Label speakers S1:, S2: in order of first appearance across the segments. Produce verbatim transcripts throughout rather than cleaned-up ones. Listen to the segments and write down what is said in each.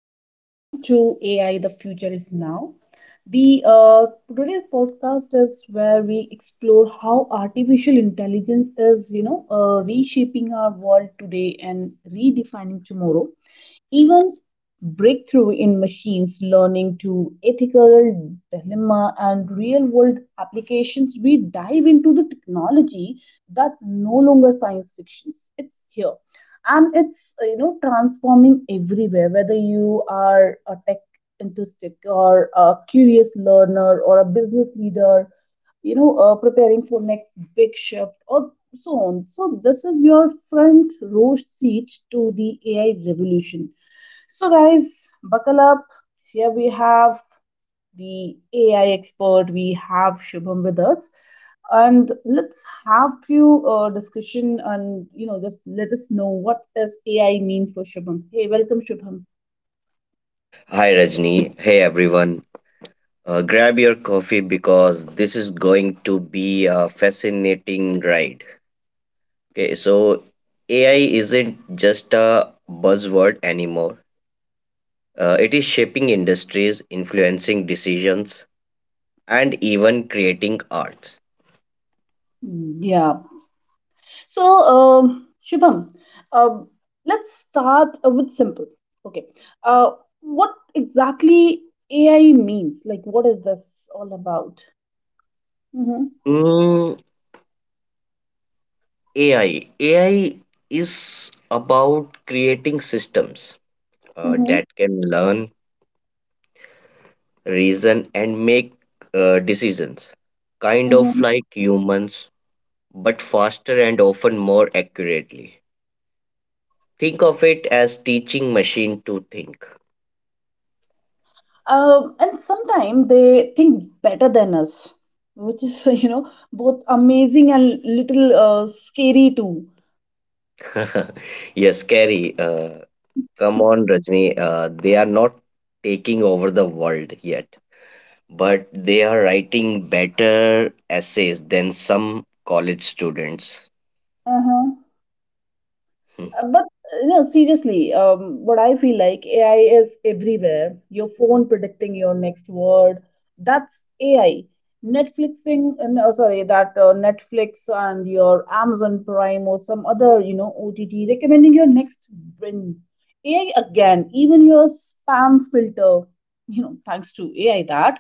S1: Well, welcome to A I The Future Is Now. The uh, Today's podcast is where we explore how artificial intelligence is, you know, uh, reshaping our world today and redefining tomorrow. Even breakthrough in machines learning to ethical dilemma and real world applications, we dive into the technology that no longer science fictions. It's here. And it's uh, you know transforming everywhere, whether you are a tech enthusiast or a curious learner or a business leader you know, uh, preparing for next big shift or so on. So this is your front row seat to the A I revolution. So guys, buckle up. Here we have the A I expert. We have Shubham with us, and let's have few uh, discussion and you know just let us know what is A I mean for Shubham. Hey, welcome Shubham.
S2: Hi Rajni. Hey everyone. Uh, grab your coffee because this is going to be a fascinating ride. Okay, so A I isn't just a buzzword anymore. Uh, it is shaping industries, influencing decisions, and even creating arts.
S1: Hmm. Yeah. So, um, Shubham, um, let's start uh, with simple. Okay, uh, what exactly A I means? Like, what is this all about? Mm-hmm.
S2: Mm, A I. A I is about creating systems uh,
S1: Mm-hmm.
S2: that can learn, reason, and make uh, decisions kind of
S1: Mm-hmm.
S2: like humans but faster and often more accurately. Think of it as teaching machine to think.
S1: Um, and sometimes they think better than us, which is you know both amazing and little uh, scary too.
S2: Yes, Kerry. Uh, come on, Rajni. Uh, they are not taking over the world yet, but they are writing better essays than some college students. Hmm.
S1: Uh, But uh, no, seriously, um, what I feel like A I is everywhere. Your phone predicting your next word, that's A I. Netflixing, uh, no, sorry, that uh, Netflix and your Amazon Prime or some other, you know, O T T recommending your next binge. A I again, even your spam filter, you know, thanks to A I that.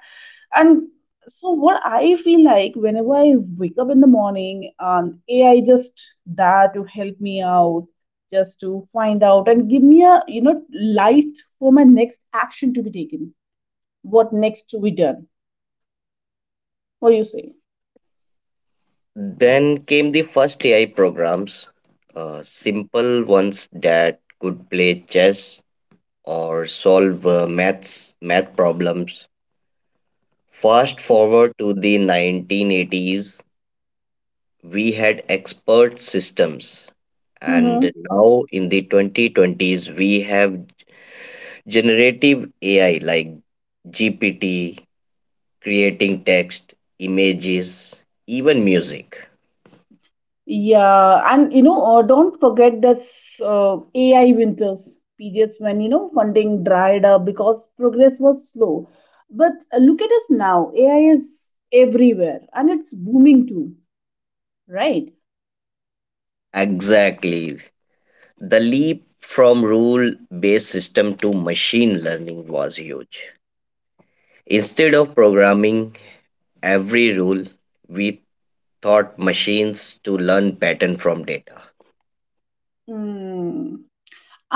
S1: And so what I feel like whenever I wake up in the morning, um, A I just there to help me out just to find out and give me a you know light for my next action to be taken, what next to be done. What do you say?
S2: Then came the first A I programs, uh, simple ones that could play chess or solve uh, maths math problems. Fast forward to the nineteen eighties, we had expert systems.
S1: Mm-hmm.
S2: And now in the twenty twenties, we have generative A I like G P T creating text, images, even music.
S1: Yeah, and you know uh, don't forget this uh, AI winters, periods when you know funding dried up because progress was slow. But uh, look at us now, AI is everywhere and it's booming too, right?
S2: Exactly. The leap from rule based system to machine learning was huge. Instead of programming every rule, we taught machines to learn pattern from data.
S1: Mm.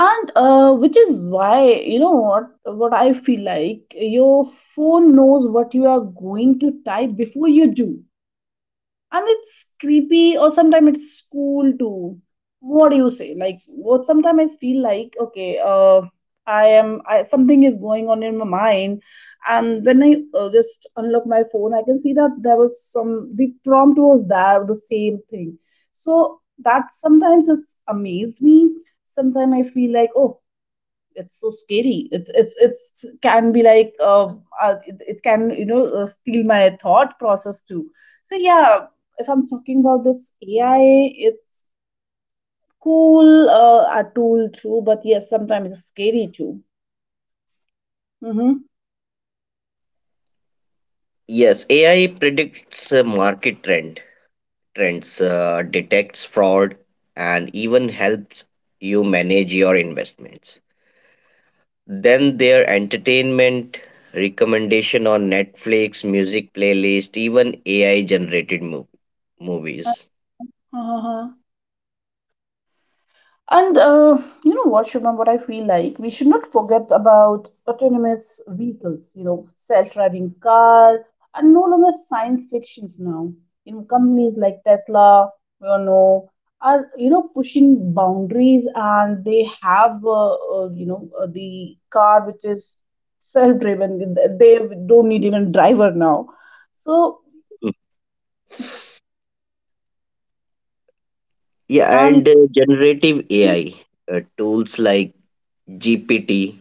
S1: And uh, which is why, you know what what I feel like, your phone knows what you are going to type before you do. And it's creepy, or sometimes it's cool too. What do you say? Like, what, sometimes I feel like, okay, uh, i am I, something is going on in my mind, and when i uh, just unlock my phone, I can see that there was some, the prompt was there, the same thing. So that sometimes it's amazed me. Sometimes I feel like, oh, it's so scary. It's it's it's can be like uh, uh, it, it can you know uh, steal my thought process too. So yeah, if I'm talking about this AI, it's cool, uh, a tool too, but yes, sometimes it's scary too. Mm-hmm.
S2: Yes, A I predicts uh, market trend trends, uh, detects fraud, and even helps you manage your investments. Then their entertainment recommendation on Netflix, music playlist, even A I generated mov- movies.
S1: Uh-huh. And uh, you know what, Shubham, what I feel like? We should not forget about autonomous vehicles, you know, self-driving car are no longer science fictions now. You know, companies like Tesla, we all know, are, you know, pushing boundaries and they have, uh, uh, you know, uh, the car which is self-driven. They they don't need even driver now. So,
S2: Mm. Yeah,
S1: and
S2: and uh, generative A I uh, tools like G P T,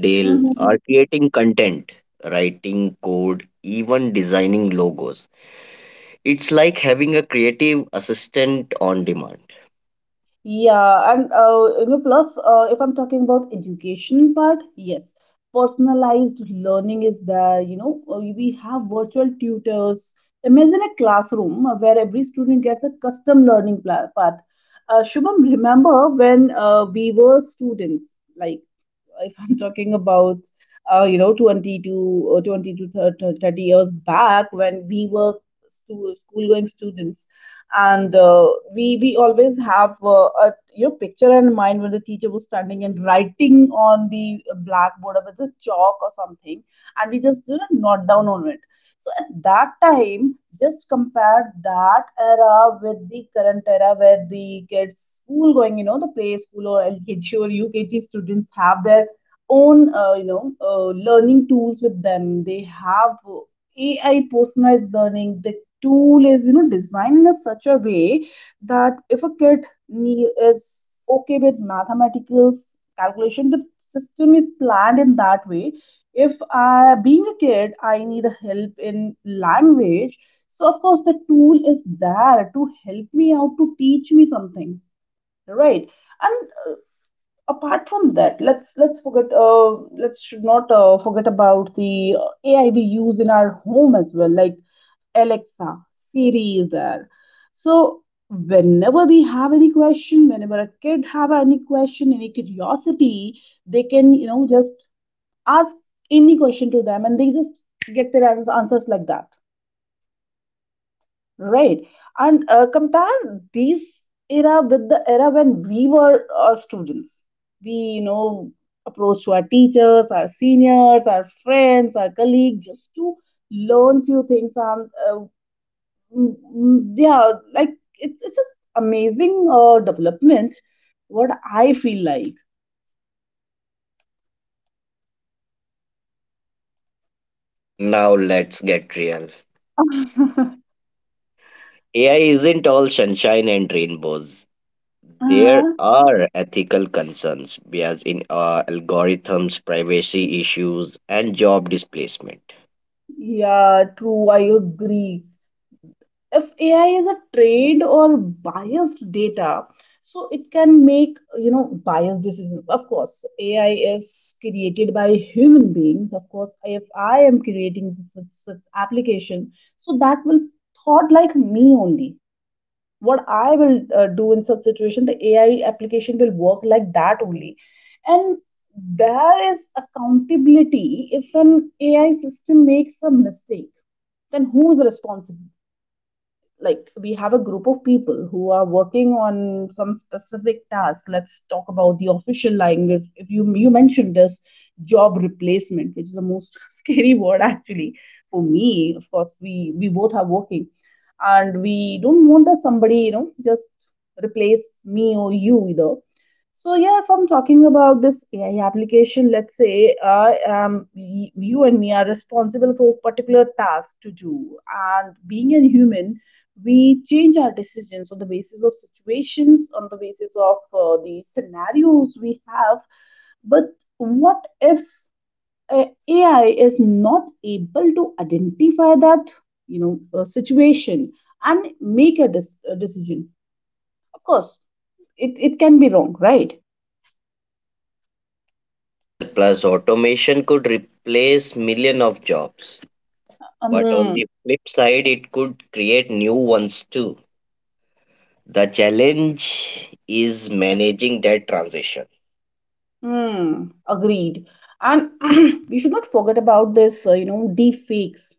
S2: D A L E are
S1: mm-hmm.
S2: creating content, writing code, even designing logos. It's like having a creative assistant on demand.
S1: Yeah, and uh, you know, plus, uh, if I'm talking about education part, yes, personalized learning is there. You know, Uh, we have virtual tutors. Imagine a classroom uh, where every student gets a custom learning pla- path. Uh, Shubham, remember when uh, we were students, like if I'm talking about uh, you know twenty to uh, twenty to thir- 30 years back when we were stu- school going students, and uh, we we always have uh, a, you know, picture in mind when the teacher was standing and writing on the blackboard or with a chalk or something, and we just, you know, note down on it. So at that time, just compare that era with the current era where the kids school going, you know, the play school or L K G or U K G students have their own, uh, you know uh, learning tools with them. They have AI personalized learning. The tool is, you know, designed in a such a way that if a kid nee- is okay with mathematicals calculation, the system is planned in that way. If I, being a kid, I need a help in language, so of course the tool is there to help me out, to teach me something, right? And uh, apart from that, let's let's forget. Uh, let's should not uh, forget about the uh, A I we use in our home as well, like Alexa, Siri is there. So whenever we have any question, whenever a kid have any question, any curiosity, they can, you know, just ask any question to them, and they just get their ans- answers like that. Right. And uh, compare these era with the era when we were uh, students. We, you know, approach to our teachers, our seniors, our friends, our colleagues, just to learn few things. And uh, mm, mm, yeah, like it's it's an amazing uh, development. What I feel like.
S2: Now let's get real. A I isn't all sunshine and rainbows. There
S1: Uh-huh.
S2: are ethical concerns, bias in uh, algorithms, privacy issues, and job displacement.
S1: Yeah, true. I agree. If AI is a trained or biased data, so it can make, you know, biased decisions. Of course, AI is created by human beings. Of course, if I am creating this such, such application, so that will thought like me only. What I will uh, do in such situation, the AI application will work like that only. And there is accountability. If an AI system makes a mistake, then who is responsible? Like, we have a group of people who are working on some specific task. Let's talk about the official language. If you you mentioned this job replacement, which is the most scary word actually for me. Of course, we we both are working, and we don't want that somebody, you know, just replace me or you either. So yeah, if I'm talking about this A I application, let's say uh, um, y- you and me are responsible for a particular task to do, and being a human, we change our decisions on the basis of situations, on the basis of uh, the scenarios we have. But what if uh, A I is not able to identify that, you know, uh, situation and make a, dis- a decision? Of course, it, it can be wrong, right?
S2: Yes, plus automation could replace millions of jobs. But on
S1: Mm,
S2: the flip side, it could create new ones too. The challenge is managing that transition.
S1: mm, agreed. And we should not forget about this, uh, you know, deep fakes.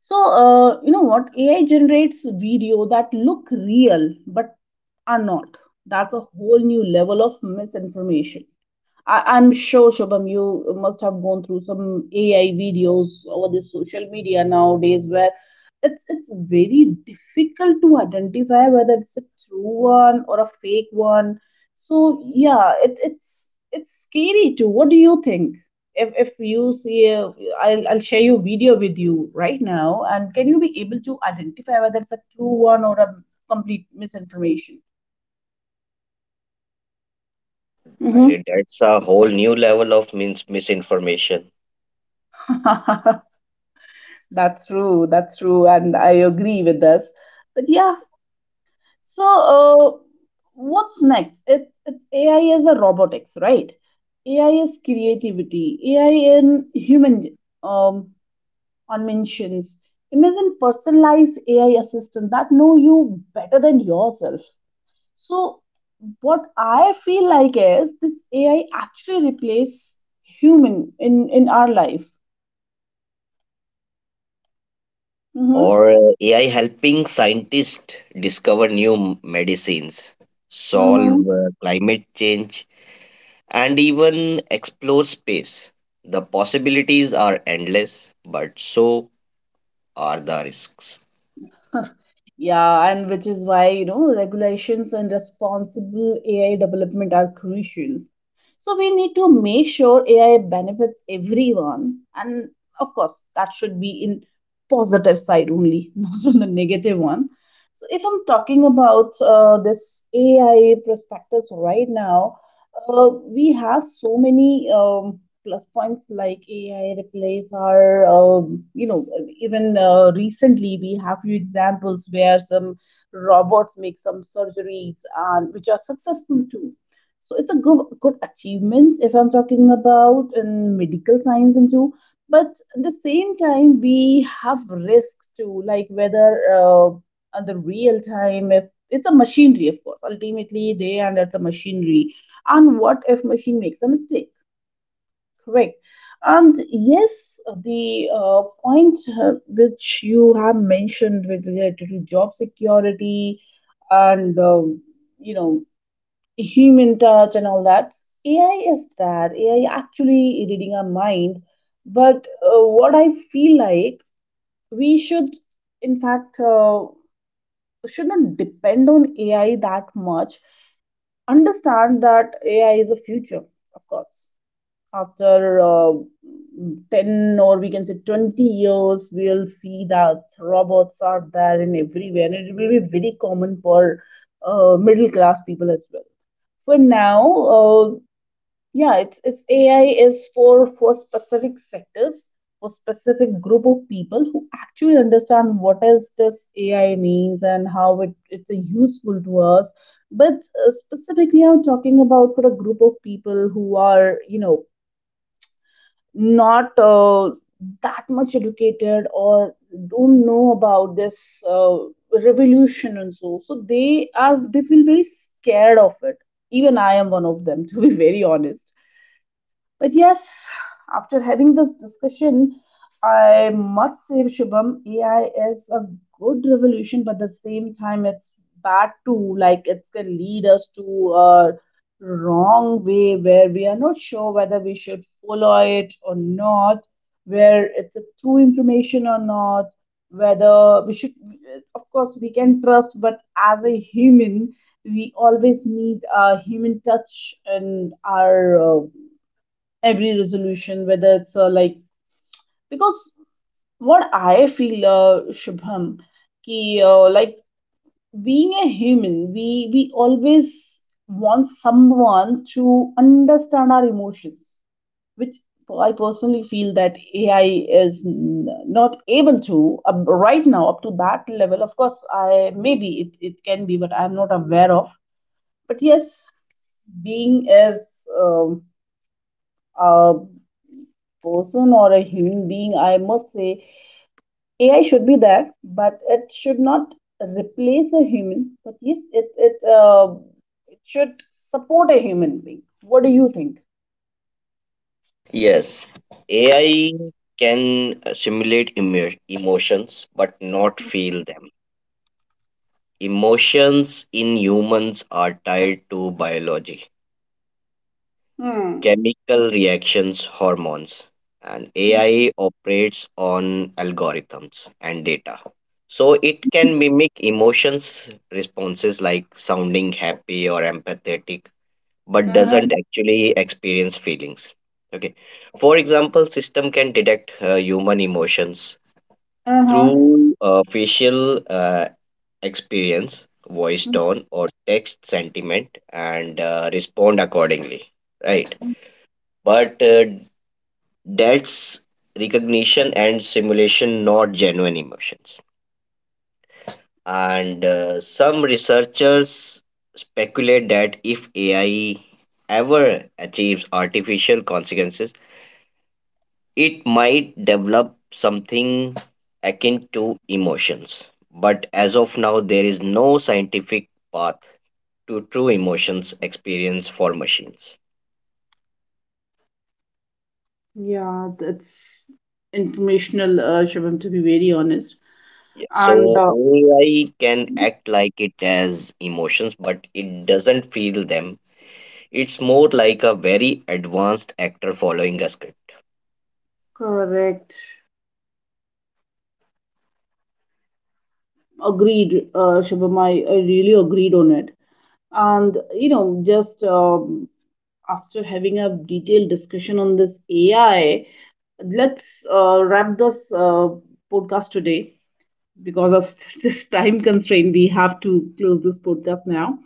S1: So, uh, you know what? A I generates video that look real but are not. That's a whole new level of misinformation. I, I'm sure, Shubham, you must have gone through some A I videos over the social media nowadays where it's it's very difficult to identify whether it's a true one or a fake one. So yeah, it, it's it's scary too. What do you think? If if you see a, I'll I'll share your video with you right now, and can you be able to identify whether it's a true one or a complete misinformation?
S2: I
S1: Mm-hmm.
S2: Right, that's a whole new level of mis- misinformation.
S1: That's true. That's true. And I agree with this. But yeah, so uh, what's next? It's, it's A I is a robotics, right? A I is creativity. A I in human um, dimensions. Imagine personalized A I assistant that know you better than yourself. So what I feel like is this A I actually replace human in in our life. Mm-hmm.
S2: Or uh, A I helping scientists discover new m- medicines,
S1: Mm-hmm.
S2: solve uh, climate change, and even explore space. The possibilities are endless, but so are the risks.
S1: Yeah, and which is why, you know, regulations and responsible A I development are crucial. So we need to make sure A I benefits everyone. And of course, that should be in positive side only, not on the negative one. So if I'm talking about uh, this A I perspectives right now, uh, we have so many um, plus points like A I replace our, um, you know, even uh, recently we have few examples where some robots make some surgeries, and which are successful too. So it's a good good achievement if I'm talking about in medical science and too. But at the same time, we have risks too, like whether uh, on the real time, if it's a machinery, of course. Ultimately, they and it's a machinery. And what if machine makes a mistake? Correct. And yes, the uh, point uh, which you have mentioned with related to job security and um you know, human touch and all that. A I is that. A I actually reading our mind. But uh, what I feel like we should, in fact, uh, should not depend on A I that much. Understand that A I is a future, of course, after uh, 10, or we can say 20 years, we'll see that robots are there in everywhere, and it will be very common for uh, middle class people as well. For now, uh, yeah, it's it's AI is for for specific sectors, for specific group of people who actually understand what is this AI means and how it, it's uh, useful to us. But uh, specifically, I'm talking about for a group of people who are, you know, not uh, that much educated, or don't know about this uh, revolution, and so, so they are, they feel very scared of it. Even I am one of them, to be very honest. But yes, after having this discussion, I must say, Shubham, A I is a good revolution, but at the same time, it's bad too. Like, it can lead us to a wrong way where we are not sure whether we should follow it or not, where it's a true information or not, whether we should, of course, we can trust, but as a human, we always need a human touch in our uh, every resolution, whether it's uh, like, because what I feel, uh, Shubham, ki, uh, like, being a human, we we always want someone to understand our emotions, which I personally feel that AI is n- not able to, uh, right now, up to that level. Of course, I, maybe it, it can be, but I'm not aware of. But yes, being as, um, uh, person or a human being, I must say A I should be there, but it should not replace a human. But yes, it it uh, it should support a human being. What do you think?
S2: Yes, A I can uh, simulate emo- emotions, but not feel them. Emotions in humans are tied to biology,
S1: Hmm.
S2: chemical reactions, hormones, and A I operates on algorithms and data. So it can mimic emotions responses like sounding happy or empathetic, but doesn't
S1: Uh-huh.
S2: actually experience feelings. Okay. For example, system can detect uh, human emotions
S1: Uh-huh.
S2: through uh, facial uh, experience, voice tone, or text sentiment, and uh, respond accordingly. Right,
S1: Mhm.
S2: but uh, that's recognition and simulation, not genuine emotions. And uh, some researchers speculate that if A I ever achieves artificial consequences, it might develop something akin to emotions. But as of now, there is no scientific path to true emotions experience for machines.
S1: Yeah, that's informational, uh, Shubham, to be very honest.
S2: Yeah.
S1: And
S2: So
S1: uh,
S2: A I can act like it has emotions, but it doesn't feel them. It's more like a very advanced actor following a script.
S1: correct. Agreed, uh, Shubham. I, I really agreed on it. And, you know, just um, after having a detailed discussion on this A I, let's uh, wrap this uh, podcast today because of this time constraint, we have to close this podcast now.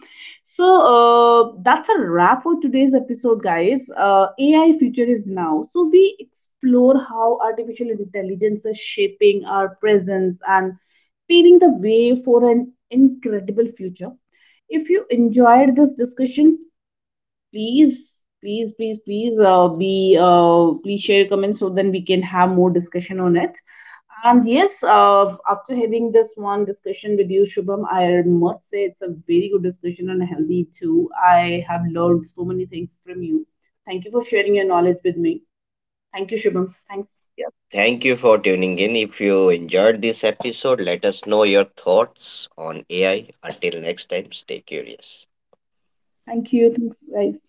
S1: So uh, that's a wrap for today's episode, guys. Uh, A I future is now. So we explore how artificial intelligence is shaping our presence and paving the way for an incredible future. If you enjoyed this discussion, please please please please uh, be uh, please share your comments, so then we can have more discussion on it. And yes, uh, after having this one discussion with you, Shubham, I must say it's a very good discussion and healthy too. I have learned so many things from you. Thank you for sharing your knowledge with me. Thank you, Shubham. Thanks.
S2: Yeah. Thank you for tuning in. If you enjoyed this episode, let us know your thoughts on A I. Until next time, stay curious.
S1: Thank you. Thanks, guys.